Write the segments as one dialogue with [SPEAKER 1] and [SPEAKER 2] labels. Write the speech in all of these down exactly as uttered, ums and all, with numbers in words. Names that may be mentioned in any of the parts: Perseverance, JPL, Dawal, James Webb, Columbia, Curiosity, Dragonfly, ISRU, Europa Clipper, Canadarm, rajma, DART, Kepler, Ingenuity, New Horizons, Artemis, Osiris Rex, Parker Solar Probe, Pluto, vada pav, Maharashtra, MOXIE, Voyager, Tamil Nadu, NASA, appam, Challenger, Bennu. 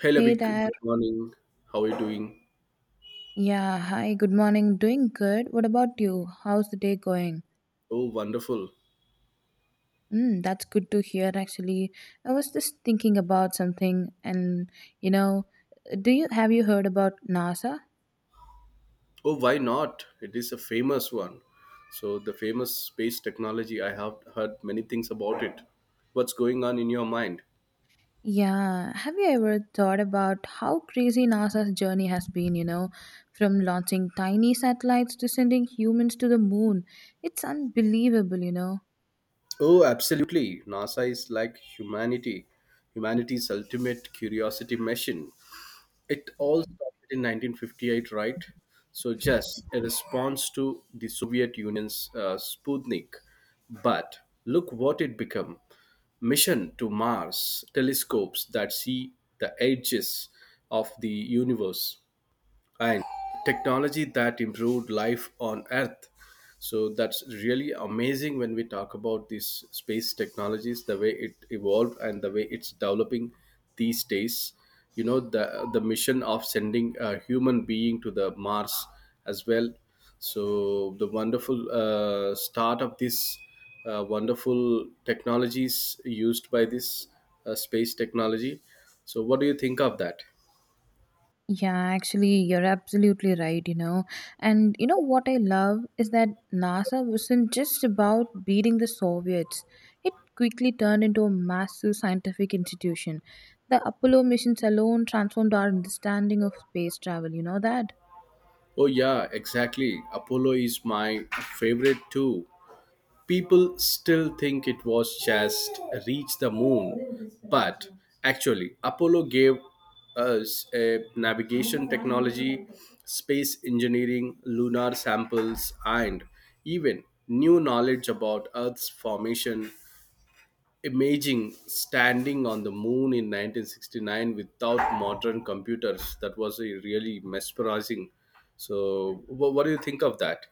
[SPEAKER 1] Hello,
[SPEAKER 2] Hey
[SPEAKER 1] big
[SPEAKER 2] there.
[SPEAKER 1] good morning. How are you doing?
[SPEAKER 2] Yeah, hi, good morning. Doing good. What about you? How's the day going?
[SPEAKER 1] Oh, wonderful.
[SPEAKER 2] Mm, that's good to hear, actually. I was just thinking about something, and you know, do you have you heard about NASA?
[SPEAKER 1] Oh, why not? It is a famous one. So, the famous space technology, I have heard many things about it. What's going on in your mind?
[SPEAKER 2] Yeah, have you ever thought about how crazy NASA's journey has been, you know, from launching tiny satellites to sending humans to the moon? It's unbelievable, you know.
[SPEAKER 1] Oh, absolutely. NASA is like humanity, humanity's ultimate curiosity machine. It all started in nineteen fifty-eight, right? So just a response to the Soviet Union's uh, Sputnik. But look what it became. Mission to Mars, telescopes that see the edges of the universe, and technology that improved life on Earth. So that's really amazing when we talk about these space technologies, the way it evolved and the way it's developing these days, you know, the the mission of sending a human being to the Mars as well. So the wonderful uh, start of this uh, wonderful technologies used by this uh, space technology. So what do you think of that?
[SPEAKER 2] Yeah, actually, you're absolutely right, you know. And you know what I love is that NASA wasn't just about beating the Soviets, it quickly turned into a massive scientific institution. The Apollo missions alone transformed our understanding of space travel, you know that?
[SPEAKER 1] Oh, yeah, exactly. Apollo is my favorite too. People still think it was just reach the moon, but actually, Apollo gave us a navigation technology, space engineering, lunar samples, and even new knowledge about Earth's formation. Imaging standing on the moon in nineteen sixty-nine without modern computers, that was a really mesmerizing. So wh- what do you think of that?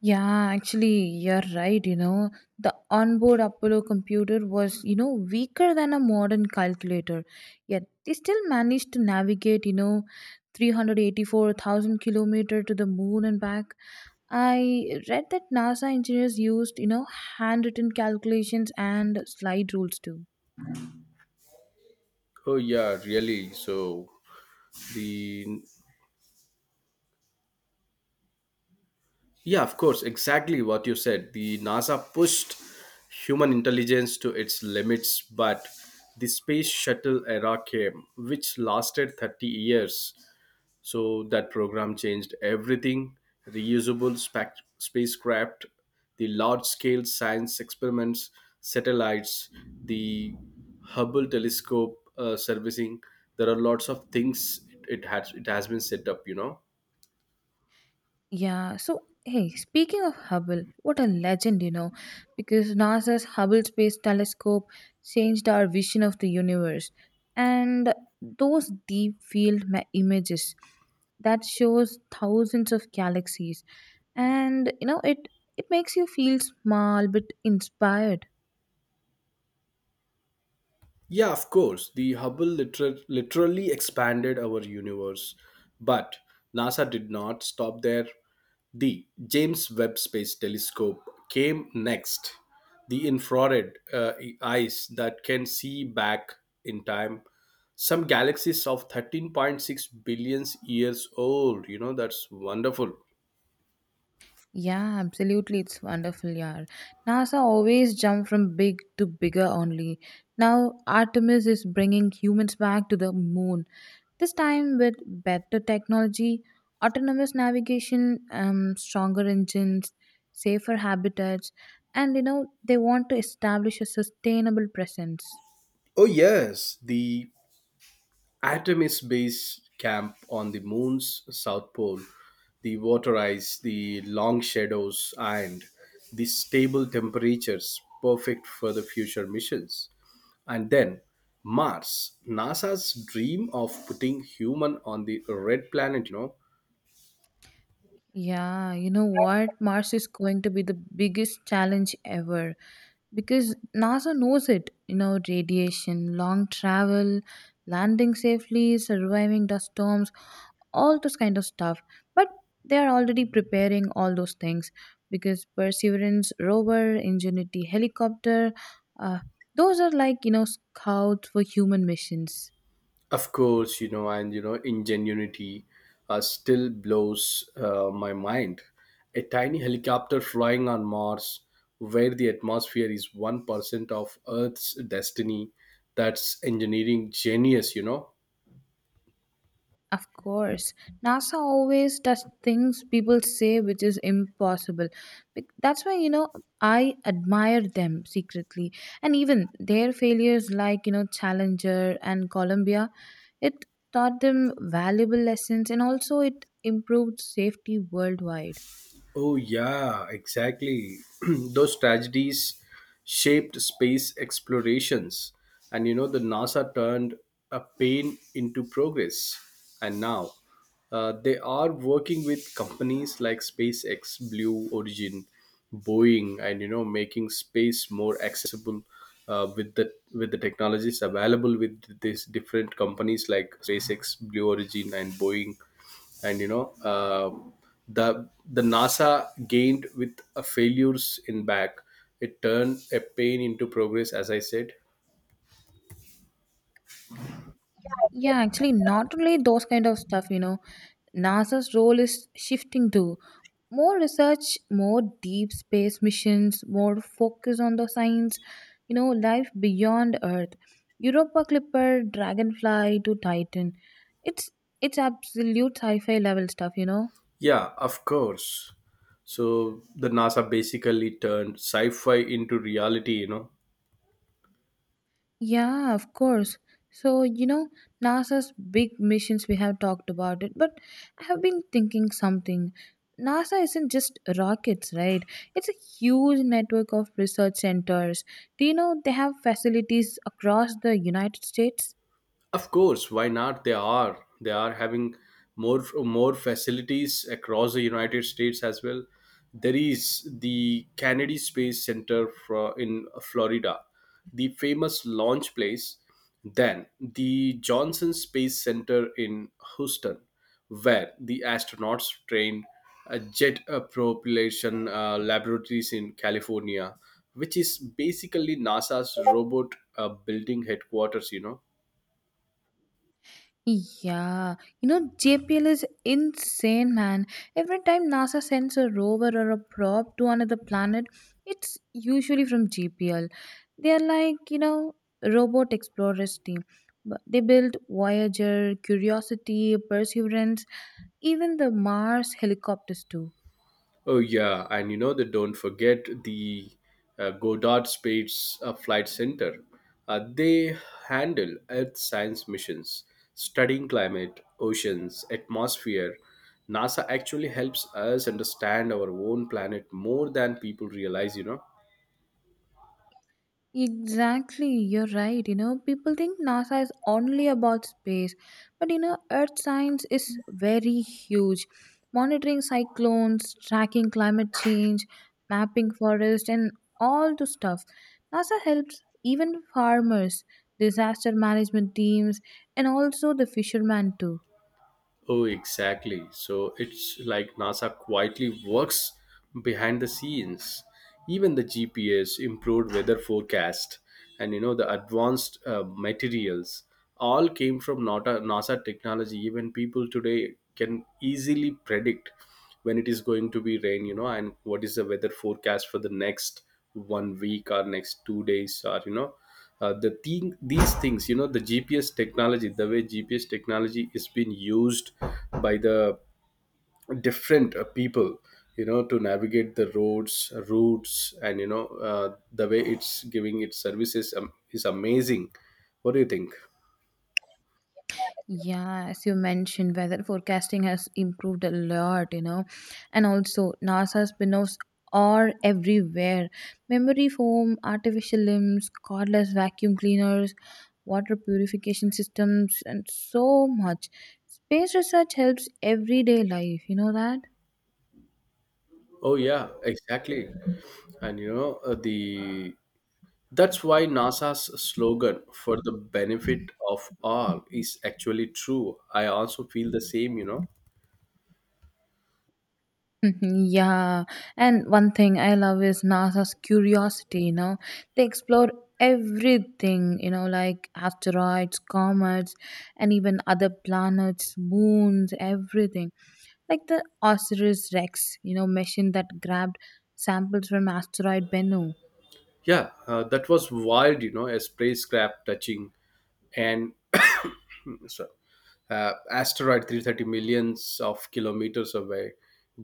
[SPEAKER 2] Yeah, actually, you're right. You know, the onboard Apollo computer was, you know, weaker than a modern calculator. Yet they still managed to navigate, you know, three hundred eighty-four thousand kilometer to the moon and back. I read that NASA engineers used, you know, handwritten calculations and slide rules too.
[SPEAKER 1] Oh yeah, really. So the yeah, of course, exactly what you said. The NASA pushed human intelligence to its limits, but the space shuttle era came, which lasted thirty years. So that program changed everything: reusable spac- spacecraft, the large scale science experiments, satellites, the Hubble telescope uh, servicing. There are lots of things it, it has it has been set up, you know.
[SPEAKER 2] Yeah, so hey, speaking of Hubble, what a legend, you know, because NASA's Hubble Space Telescope changed our vision of the universe. And those deep field ma- images that shows thousands of galaxies, and you know it it makes you feel small but inspired.
[SPEAKER 1] Yeah, of course. The Hubble liter- literally expanded our universe, but NASA did not stop there. The James Webb Space Telescope came next. The infrared uh, eyes that can see back in time. Some galaxies of thirteen point six billion years old. You know, that's wonderful.
[SPEAKER 2] Yeah, absolutely it's wonderful, yeah. NASA always jump from big to bigger only. Now Artemis is bringing humans back to the moon. This time, with better technology, autonomous navigation, um, stronger engines, safer habitats, and you know, they want to establish a sustainable presence.
[SPEAKER 1] Oh, yes. The Artemis Base Camp on the moon's south pole, the water ice, the long shadows, and the stable temperatures perfect for the future missions. And then Mars, NASA's dream of putting human on the red planet, you know.
[SPEAKER 2] Yeah, you know what? Mars is going to be the biggest challenge ever because NASA knows it. You know, radiation, long travel, landing safely, surviving dust storms, all those kind of stuff, but they are already preparing all those things because perseverance rover ingenuity helicopter, uh, those are like you know scouts for human missions.
[SPEAKER 1] Of course, you know, and you know, ingenuity uh, still blows uh, my mind. A tiny helicopter flying on Mars, where the atmosphere is one percent of Earth's destiny, that's engineering genius, you know.
[SPEAKER 2] Of course, NASA always does things people say which is impossible. Bec- That's why, you know, I admire them secretly. And even their failures, like, you know, Challenger and Columbia, it taught them valuable lessons, and also it improved safety worldwide.
[SPEAKER 1] Oh, yeah, exactly. Those tragedies shaped space explorations. And you know, the NASA turned a pain into progress. And now uh, they are working with companies like SpaceX, Blue Origin, Boeing, and you know, making space more accessible. Uh, with the with the technologies available with these different companies like SpaceX, Blue Origin, and Boeing, and you know uh, the the nasa gained with a failures in back. It turned a pain into progress, as I said.
[SPEAKER 2] Yeah, actually, not only those kind of stuff, you know, NASA's role is shifting to more research, more deep space missions, more focus on the science, you know, life beyond Earth. Europa Clipper, Dragonfly to Titan. It's it's absolute sci-fi level stuff, you know.
[SPEAKER 1] Yeah, of course. So the NASA basically turned sci-fi into reality, you know.
[SPEAKER 2] Yeah, of course. So, you know, NASA's big missions, we have talked about it, but I have been thinking something. NASA isn't just rockets, right? It's a huge network of research centers. Do you know they have facilities across the United States?
[SPEAKER 1] Of course, why not? They are. They are having more more facilities across the United States as well. There is the Kennedy Space Center fro- in Florida, the famous launch place. Then the Johnson Space Center in Houston, where the astronauts train, uh, jet uh, propulsion uh, laboratories in California, which is basically NASA's robot uh, building headquarters, you know.
[SPEAKER 2] Yeah, you know, J P L is insane, man. Every time NASA sends a rover or a probe to another planet, it's usually from J P L. They are like, you know, robot explorers team. But they built Voyager, Curiosity, Perseverance, even the Mars helicopters too.
[SPEAKER 1] Oh yeah, and you know, they don't forget the uh, Goddard Space uh, Flight Center. Uh, they handle Earth science missions, studying climate, oceans, atmosphere. NASA actually helps us understand our own planet more than people realize, you know.
[SPEAKER 2] Exactly, you're right. You know, people think NASA is only about space, but you know, Earth science is very huge. Monitoring cyclones, tracking climate change, mapping forest, and all the stuff. NASA helps even farmers, disaster management teams, and also the fishermen too.
[SPEAKER 1] Oh, exactly. So it's like NASA quietly works behind the scenes. Even the G P S, improved weather forecast, and you know the advanced uh, materials all came from NASA, NASA technology. Even people today can easily predict when it is going to be rain, you know, and what is the weather forecast for the next one week or next two days, or you know, uh, the thing these things, you know, the GPS technology, the way GPS technology is being used by the different uh, people, you know, to navigate the roads routes, and you know, uh, the way it's giving its services, um, is amazing. What do you think?
[SPEAKER 2] Yeah, as you mentioned, weather forecasting has improved a lot, you know. And also, NASA's spin-offs are everywhere. Memory foam, artificial limbs, cordless vacuum cleaners, water purification systems, and so much. Space research helps everyday life, you know that?
[SPEAKER 1] Oh yeah, exactly. And you know uh, the that's why NASA's slogan for the benefit of all is actually true. I also feel the same, you know.
[SPEAKER 2] Mhm. Yeah, and one thing I love is NASA's curiosity, you know. They explore everything, you know, like asteroids, comets, and even other planets, moons, everything. Like the Osiris Rex, you know, mission that grabbed samples from asteroid Bennu.
[SPEAKER 1] Yeah, uh, that was wild, you know. A spacecraft touching and so, uh, asteroid three hundred thirty millions of kilometers away,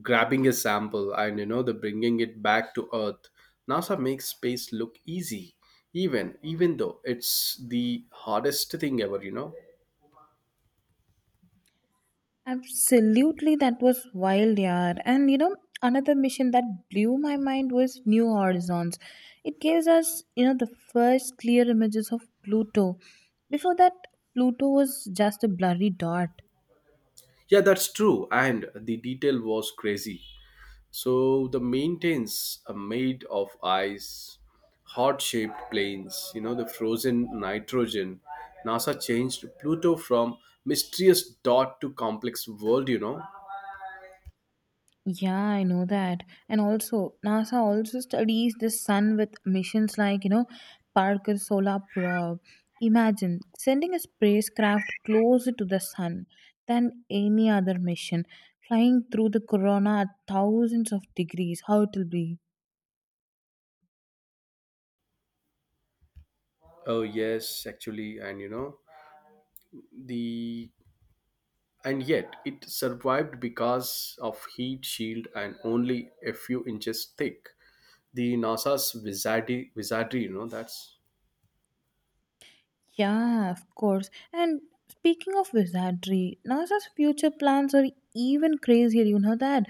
[SPEAKER 1] grabbing a sample and you know the bringing it back to Earth. NASA makes space look easy, even even though it's the hardest thing ever, you know.
[SPEAKER 2] Absolutely, that was wild, yeah. And you know, another mission that blew my mind was New Horizons. It gives us, you know, the first clear images of Pluto. Before that, Pluto was just a blurry dot.
[SPEAKER 1] Yeah, that's true. And the detail was crazy. So the mountains are made of ice, heart-shaped plains, you know, the frozen nitrogen. NASA changed Pluto from mysterious dot to complex world, you know.
[SPEAKER 2] Yeah, I know that. And also, NASA also studies the sun with missions like, you know, Parker Solar Probe. Imagine sending a spacecraft closer to the sun than any other mission, flying through the corona at thousands of degrees. How it will be?
[SPEAKER 1] Oh yes, actually, and you know, the and yet it survived because of heat shield and only a few inches thick. The NASA's wizardry, wizardry, you know, that's
[SPEAKER 2] Yeah, of course. And speaking of wizardry, NASA's future plans are even crazier, you know that?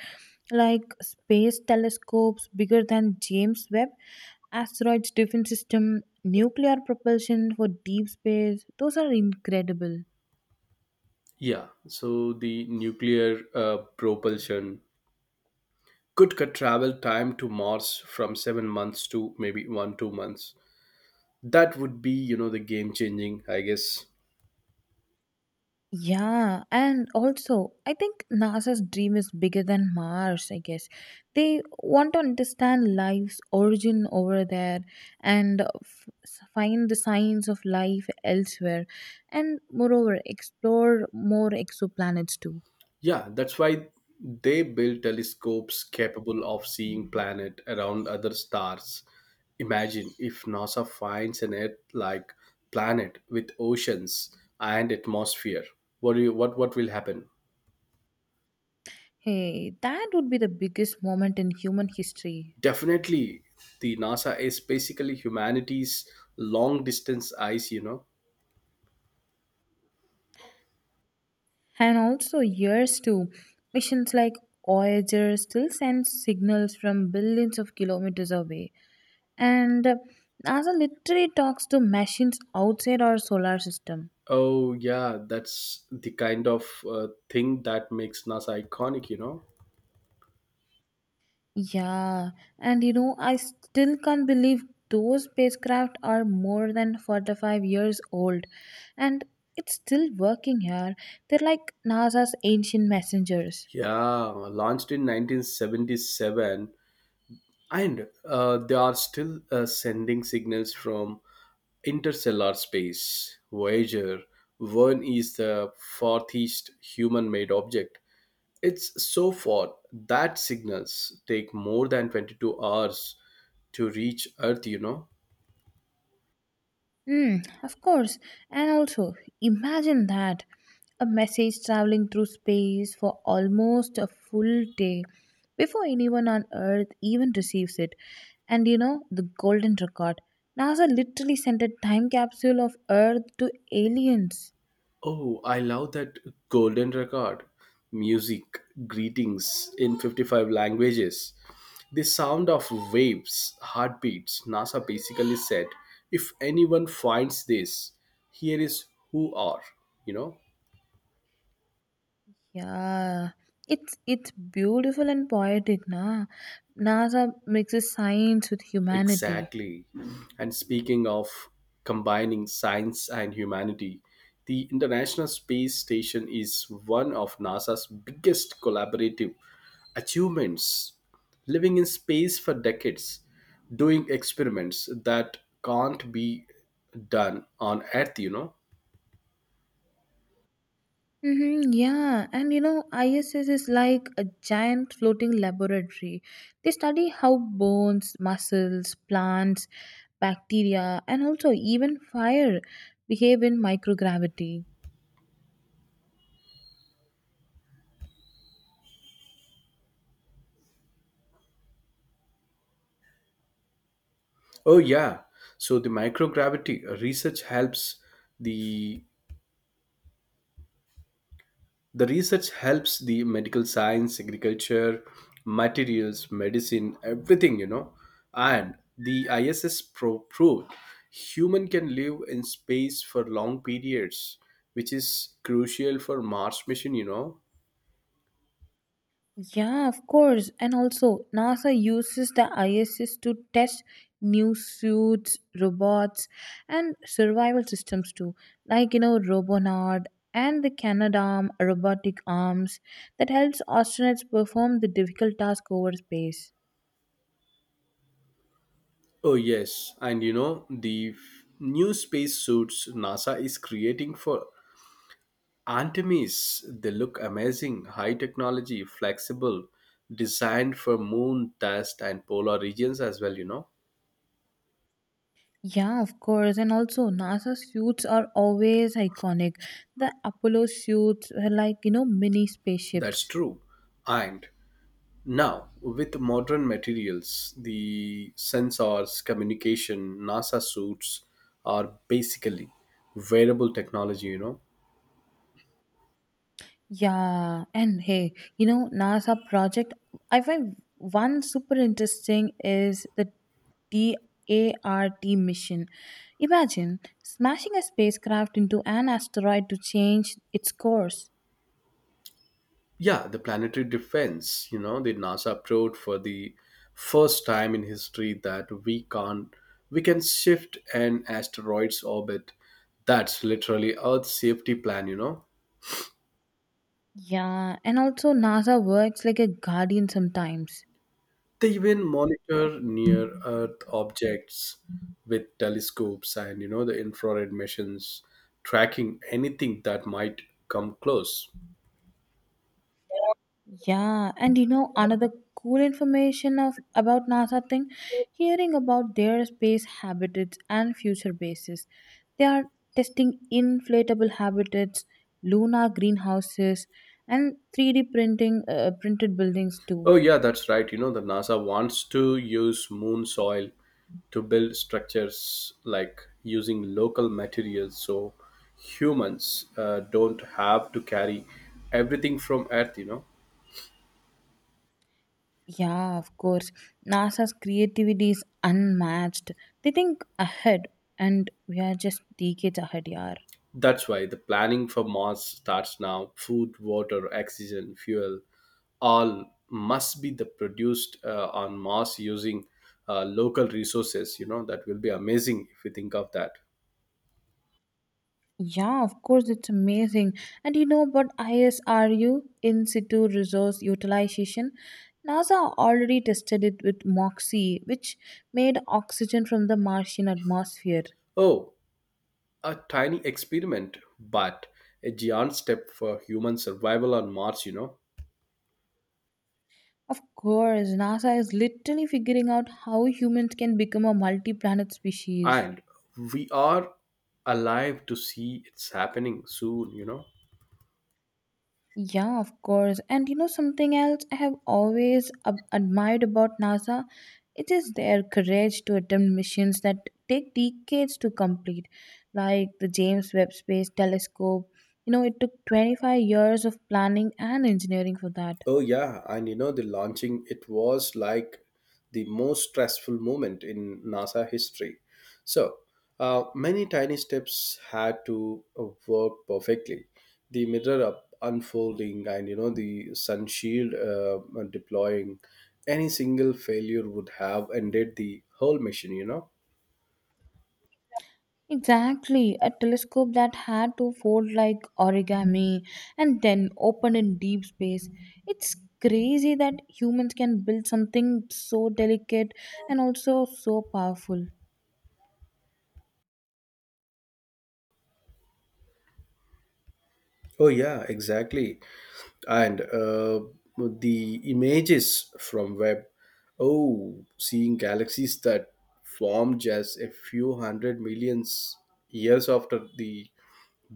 [SPEAKER 2] Like space telescopes bigger than James Webb, asteroids defense system, nuclear propulsion for deep space. Those are incredible.
[SPEAKER 1] yeah. So the nuclear uh, propulsion could cut travel time to Mars from seven months to maybe one two months. That would be, you know, the game changing, I guess.
[SPEAKER 2] Yeah, and also, I think NASA's dream is bigger than Mars, I guess. They want to understand life's origin over there and f- find the signs of life elsewhere, and moreover, explore more exoplanets too.
[SPEAKER 1] Yeah, that's why they built telescopes capable of seeing planet around other stars. Imagine if NASA finds an Earth-like planet with oceans and atmosphere. What do you, what what will happen?
[SPEAKER 2] Hey, that would be the biggest moment in human history.
[SPEAKER 1] Definitely, the NASA is basically humanity's long distance eyes, you know.
[SPEAKER 2] And also, years too. Missions like Voyager still send signals from billions of kilometers away, and uh, NASA literally talks to machines outside our solar system.
[SPEAKER 1] Oh, yeah, that's the kind of uh, thing that makes NASA iconic, you know?
[SPEAKER 2] Yeah, and you know, I still can't believe those spacecraft are more than forty-five years old and it's still working here. They're like NASA's ancient messengers.
[SPEAKER 1] Yeah, launched in nineteen seventy-seven, and uh, they are still uh, sending signals from interstellar space. Voyager one is the farthest human made object. It's so far that signals take more than twenty-two hours to reach Earth, you know?
[SPEAKER 2] Mm, of course. And also, imagine that a message traveling through space for almost a full day before anyone on Earth even receives it. And you know, the golden record. NASA literally sent a time capsule of Earth to aliens.
[SPEAKER 1] Oh, I love that golden record. Music, greetings in fifty-five languages. The sound of waves, heartbeats. NASA basically said, if anyone finds this, here is who are, you know?
[SPEAKER 2] Yeah. It's it's beautiful and poetic, na. NASA mixes science with humanity.
[SPEAKER 1] Exactly. And speaking of combining science and humanity, the International Space Station is one of NASA's biggest collaborative achievements. Living in space for decades, doing experiments that can't be done on Earth, you know?
[SPEAKER 2] Mm-hmm, yeah, and you know, I S S is like a giant floating laboratory. They study how bones, muscles, plants, bacteria, and also even fire behave in microgravity.
[SPEAKER 1] Oh, yeah. So the microgravity research helps the The research helps the medical science, agriculture, materials, medicine, everything, you know. And the I S S pro- proved human can live in space for long periods, which is crucial for Mars mission, you know.
[SPEAKER 2] Yeah, of course. And also, NASA uses the I S S to test new suits, robots, and survival systems too. Like, you know, Robonaut and the Canadarm robotic arms that helps astronauts perform the difficult task over space.
[SPEAKER 1] Oh yes, and you know, the f- new space suits NASA is creating for Artemis. They look amazing, high technology, flexible, designed for moon, dust, and polar regions as well, you know.
[SPEAKER 2] Yeah, of course. And also, NASA suits are always iconic. The Apollo suits were like, you know, mini
[SPEAKER 1] That's
[SPEAKER 2] spaceships.
[SPEAKER 1] true. And now, with modern materials, the sensors, communication, NASA suits are basically wearable technology, you know.
[SPEAKER 2] Yeah, and hey, you know, NASA project, I find one super interesting is the DART mission. Imagine smashing a spacecraft into an asteroid to change its course.
[SPEAKER 1] Yeah, the planetary defense, you know, the NASA proved for the first time in history that we can't we can shift an asteroid's orbit. That's literally Earth's safety plan, you know.
[SPEAKER 2] Yeah, and also NASA works like a guardian sometimes.
[SPEAKER 1] They even monitor near Earth objects with telescopes and you know the infrared missions, tracking anything that might come close.
[SPEAKER 2] Yeah, and you know another cool information of about NASA thing, hearing about their space habitats and future bases. They are testing inflatable habitats, lunar greenhouses, and three D printing uh, printed buildings too.
[SPEAKER 1] Oh yeah, that's right. You know the NASA wants to use moon soil to build structures like using local materials, so humans uh, don't have to carry everything from Earth, you know.
[SPEAKER 2] Yeah, of course. NASA's creativity is unmatched. They think ahead and we are just decades ahead, yeah.
[SPEAKER 1] That's why the planning for Mars starts now. Food, water, oxygen, fuel, all must be the produced uh, on Mars using uh, local resources. You know that will be amazing if you think of that.
[SPEAKER 2] Yeah, of course, it's amazing. And you know about I S R U, in situ resource utilization? NASA already tested it with MOXIE, which made oxygen from the Martian atmosphere.
[SPEAKER 1] Oh, a tiny experiment, but a giant step for human survival on Mars, you know.
[SPEAKER 2] Of course, NASA is literally figuring out how humans can become a multi planet species.
[SPEAKER 1] And we are alive to see it's happening soon, you know.
[SPEAKER 2] Yeah, of course. And you know something else I have always ab- admired about NASA? It is their courage to attempt missions that take decades to complete, like the James Webb Space Telescope. You know, it took twenty-five years of planning and engineering for that.
[SPEAKER 1] Oh yeah, and you know the launching it was like the most stressful moment in NASA history. So uh, many tiny steps had to uh, work perfectly. The mirror up unfolding and you know the sun shield uh, deploying. Any single failure would have ended the whole mission, you know.
[SPEAKER 2] Exactly, a telescope that had to fold like origami and then open in deep space. It's crazy that humans can build something so delicate and also so powerful.
[SPEAKER 1] Oh yeah, exactly. And uh, the images from web. Oh, seeing galaxies that formed just a few hundred millions years after the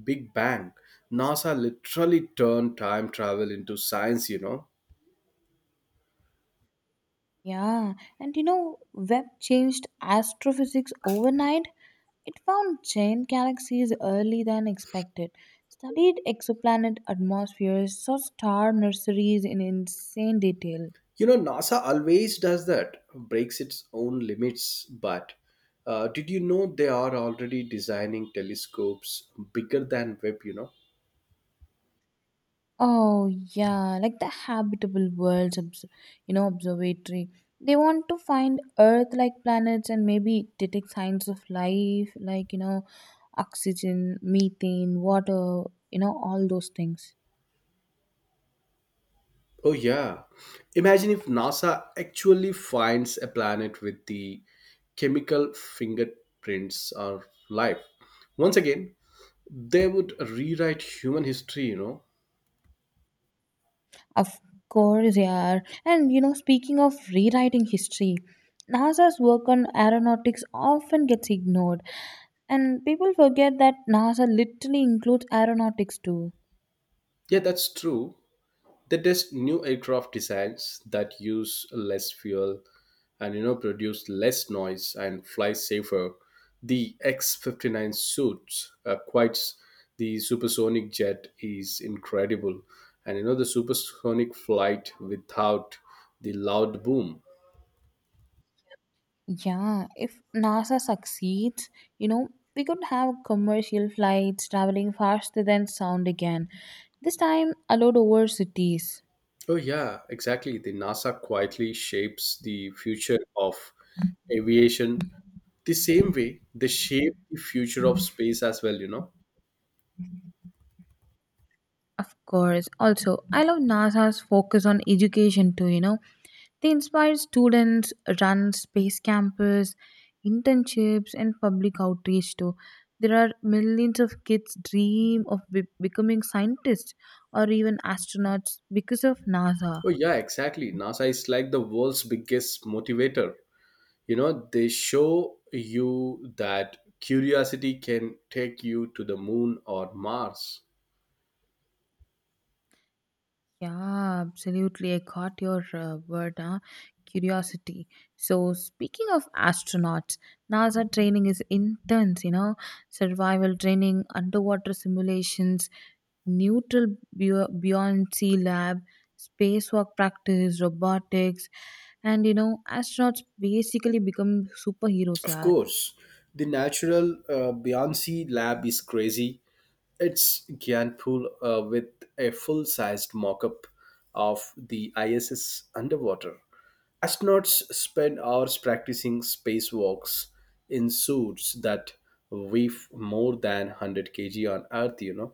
[SPEAKER 1] Big Bang. NASA literally turned time travel into science, you know.
[SPEAKER 2] Yeah, and you know, Webb changed astrophysics overnight. It found giant galaxies early than expected, studied exoplanet atmospheres, saw star nurseries in insane detail.
[SPEAKER 1] You know, NASA always does that, breaks its own limits. But uh, did you know they are already designing telescopes bigger than Webb, you know?
[SPEAKER 2] Oh yeah, like the habitable worlds, obs- you know, observatory. They want to find Earth-like planets and maybe detect signs of life, like you know, oxygen, methane, water, you know, all those things.
[SPEAKER 1] Oh, yeah. Imagine if NASA actually finds a planet with the chemical fingerprints of life. Once again, they would rewrite human history, you know.
[SPEAKER 2] Of course, yeah. And you know, speaking of rewriting history, NASA's work on aeronautics often gets ignored, and people forget that NASA literally includes aeronautics too.
[SPEAKER 1] Yeah, that's true. They test new aircraft designs that use less fuel and you know produce less noise and fly safer. The X fifty-nine suits uh, quite the supersonic jet is incredible, and you know the supersonic flight without the loud boom.
[SPEAKER 2] Yeah, if NASA succeeds, you know, we could have commercial flights traveling faster than sound again, this time allowed over cities.
[SPEAKER 1] Oh yeah, exactly. The NASA quietly shapes the future of aviation the same way they shape the future of space as well, you know.
[SPEAKER 2] Of course. Also, I love NASA's focus on education too, you know. They inspire students, run space campus, internships, and public outreach too. There are millions of kids dream of be- becoming scientists or even astronauts because of NASA.
[SPEAKER 1] Oh, yeah, exactly. NASA is like the world's biggest motivator. You know, they show you that curiosity can take you to the moon or Mars.
[SPEAKER 2] Yeah, absolutely. I got your uh, word, huh? Curiosity. So, speaking of astronauts, NASA training is intense, you know, survival training, underwater simulations, neutral bu- buoyancy lab, spacewalk practice, robotics, and you know, astronauts basically become superheroes,
[SPEAKER 1] Of
[SPEAKER 2] yeah.
[SPEAKER 1] course, the natural uh, Beyonce lab is crazy. It's Gyanpul uh, with a full sized mock up of the I S S underwater. Astronauts spend hours practicing spacewalks in suits that weigh more than one hundred kilograms on Earth, you know.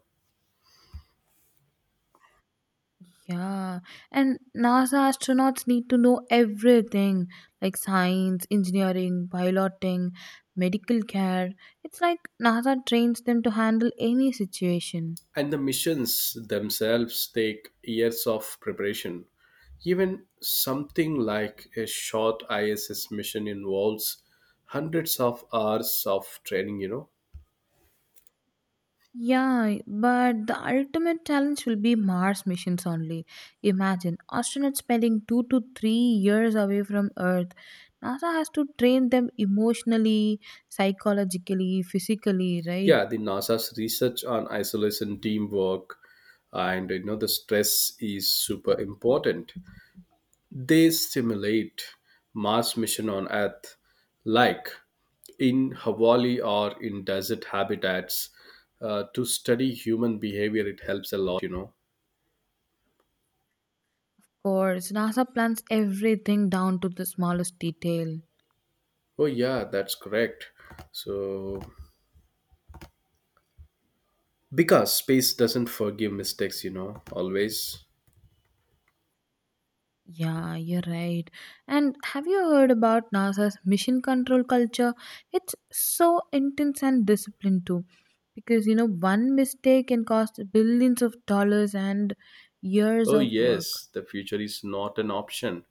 [SPEAKER 2] Yeah, and NASA astronauts need to know everything like science, engineering, piloting, medical care. It's like NASA trains them to handle any situation.
[SPEAKER 1] And the missions themselves take years of preparation. Even something like a short I S S mission involves hundreds of hours of training, you know.
[SPEAKER 2] Yeah, but the ultimate challenge will be Mars missions only. Imagine astronauts spending two to three years away from Earth. NASA has to train them emotionally, psychologically, physically, right?
[SPEAKER 1] Yeah, the NASA's research on isolation teamwork and you know the stress is super important. They simulate Mars mission on Earth, like in Hawaii or in desert habitats, uh, to study human behavior. It helps a lot, you know.
[SPEAKER 2] Of course, NASA plans everything down to the smallest detail.
[SPEAKER 1] Oh yeah, that's correct. So because space doesn't forgive mistakes, you know, always.
[SPEAKER 2] Yeah, you're right. And have you heard about NASA's mission control culture? It's so intense and disciplined too. Because, you know, one mistake can cost billions of dollars and years
[SPEAKER 1] Oh
[SPEAKER 2] of work.
[SPEAKER 1] yes, the future is not an option.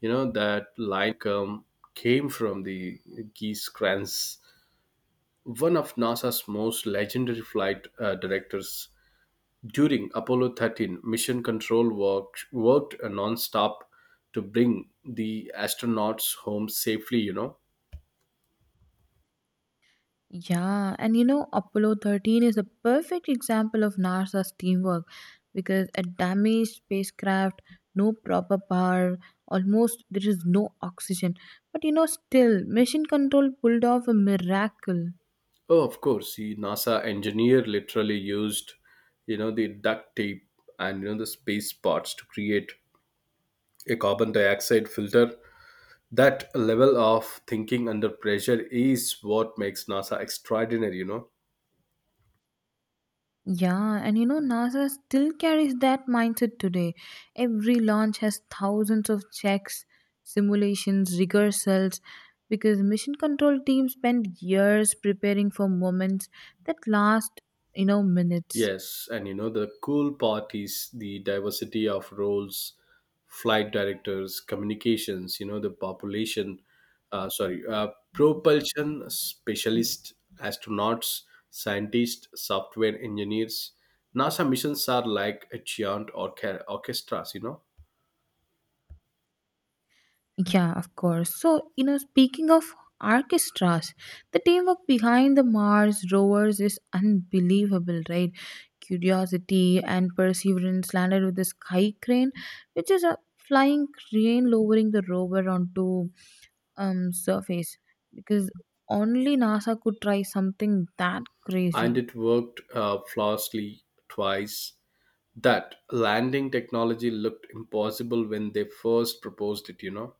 [SPEAKER 1] You know that line come came from the Geese Kranz, one of NASA's most legendary flight uh, directors. During Apollo thirteen, mission control worked worked nonstop to bring the astronauts home safely, you know.
[SPEAKER 2] Yeah, and you know, Apollo thirteen is a perfect example of NASA's teamwork because a damaged spacecraft, no proper power, almost there is no oxygen. But you know, still, mission control pulled off a miracle.
[SPEAKER 1] Oh, of course, the NASA engineer literally used, you know, the duct tape and you know the space parts to create a carbon dioxide filter. That level of thinking under pressure is what makes NASA extraordinary, you know.
[SPEAKER 2] Yeah, and you know, NASA still carries that mindset today. Every launch has thousands of checks, simulations, rehearsals, because mission control teams spend years preparing for moments that last, you know, minutes.
[SPEAKER 1] Yes, and you know, the cool part is the diversity of roles, flight directors, communications, you know, the population, uh, sorry, uh, propulsion specialists, astronauts, scientists, software engineers. NASA missions are like a giant orca- orchestras, you know.
[SPEAKER 2] Yeah, of course. So, you know, speaking of orchestras, the teamwork behind the Mars rovers is unbelievable, right? Curiosity and Perseverance landed with the sky crane, which is a flying crane lowering the rover onto um surface because only NASA could try something that
[SPEAKER 1] And
[SPEAKER 2] crazy.
[SPEAKER 1] it worked uh, flawlessly twice. That landing technology looked impossible when they first proposed it, you know.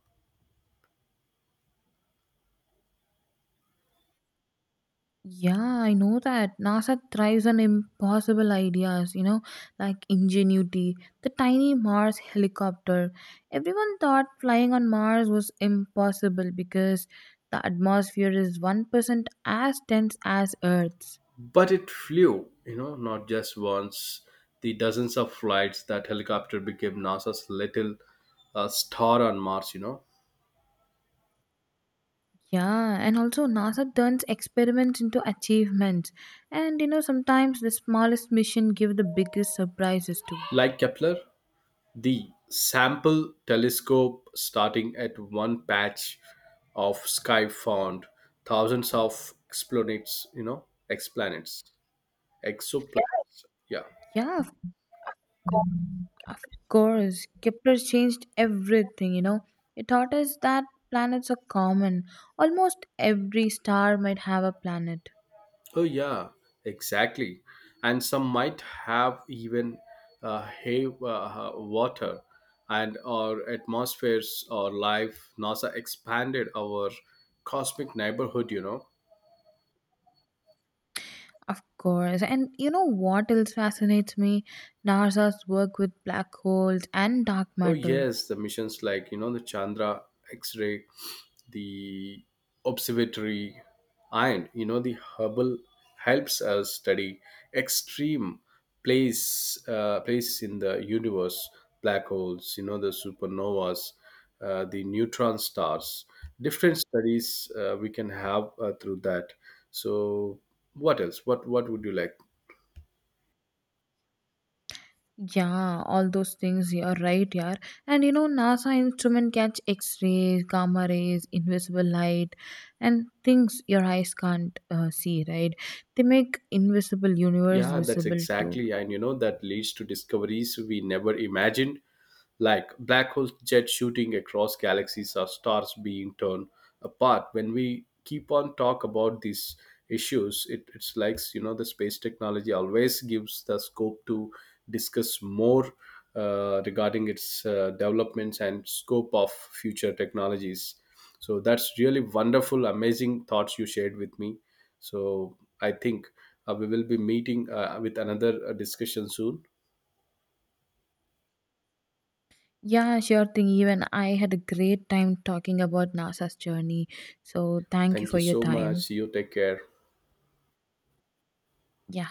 [SPEAKER 2] Yeah, I know that. NASA thrives on impossible ideas, you know, like ingenuity, the tiny Mars helicopter. Everyone thought flying on Mars was impossible because the atmosphere is one percent as dense as Earth's.
[SPEAKER 1] But it flew, you know, not just once. The dozens of flights, that helicopter became NASA's little uh, star on Mars, you know.
[SPEAKER 2] Yeah, and also NASA turns experiments into achievements. And you know, sometimes the smallest mission give the biggest surprises too.
[SPEAKER 1] Like Kepler, the sample telescope starting at one patch of sky found thousands of exoplanets, you know, explanets, exoplanets. Yeah.
[SPEAKER 2] Yeah, of course, Kepler changed everything, you know. It taught us that planets are common. Almost every star might have a planet.
[SPEAKER 1] Oh, yeah, exactly. And some might have even uh, hay uh, water and our atmospheres or life. NASA expanded our cosmic neighborhood, you know.
[SPEAKER 2] Of course. And you know what else fascinates me? NASA's work with black holes and dark
[SPEAKER 1] Oh
[SPEAKER 2] matter.
[SPEAKER 1] yes, the missions like you know the Chandra X-ray, the observatory, and you know the Hubble helps us study extreme place uh, places in the universe, black holes, you know the supernovas, uh, the neutron stars, different studies uh, we can have uh, through that. So what else? What what would you like?
[SPEAKER 2] Yeah, all those things you're right, yeah. And you know, NASA instrument catch X-rays, gamma rays, invisible light, and things your eyes can't uh, see, right? They make invisible universe
[SPEAKER 1] Yeah, that's
[SPEAKER 2] visible too.
[SPEAKER 1] exactly. And you know, that leads to discoveries we never imagined, like black holes jet shooting across galaxies or stars being torn apart. When we keep on talk about these issues, it, it's like, you know, the space technology always gives the scope to discuss more uh, regarding its uh, developments and scope of future technologies. So that's really wonderful, amazing thoughts you shared with me. So I think uh, we will be meeting uh, with another uh, discussion soon.
[SPEAKER 2] Yeah, sure thing. Even I had a great time talking about NASA's journey. So thank you
[SPEAKER 1] Thank you
[SPEAKER 2] for your
[SPEAKER 1] so
[SPEAKER 2] time.
[SPEAKER 1] much. You take care.
[SPEAKER 2] Yeah,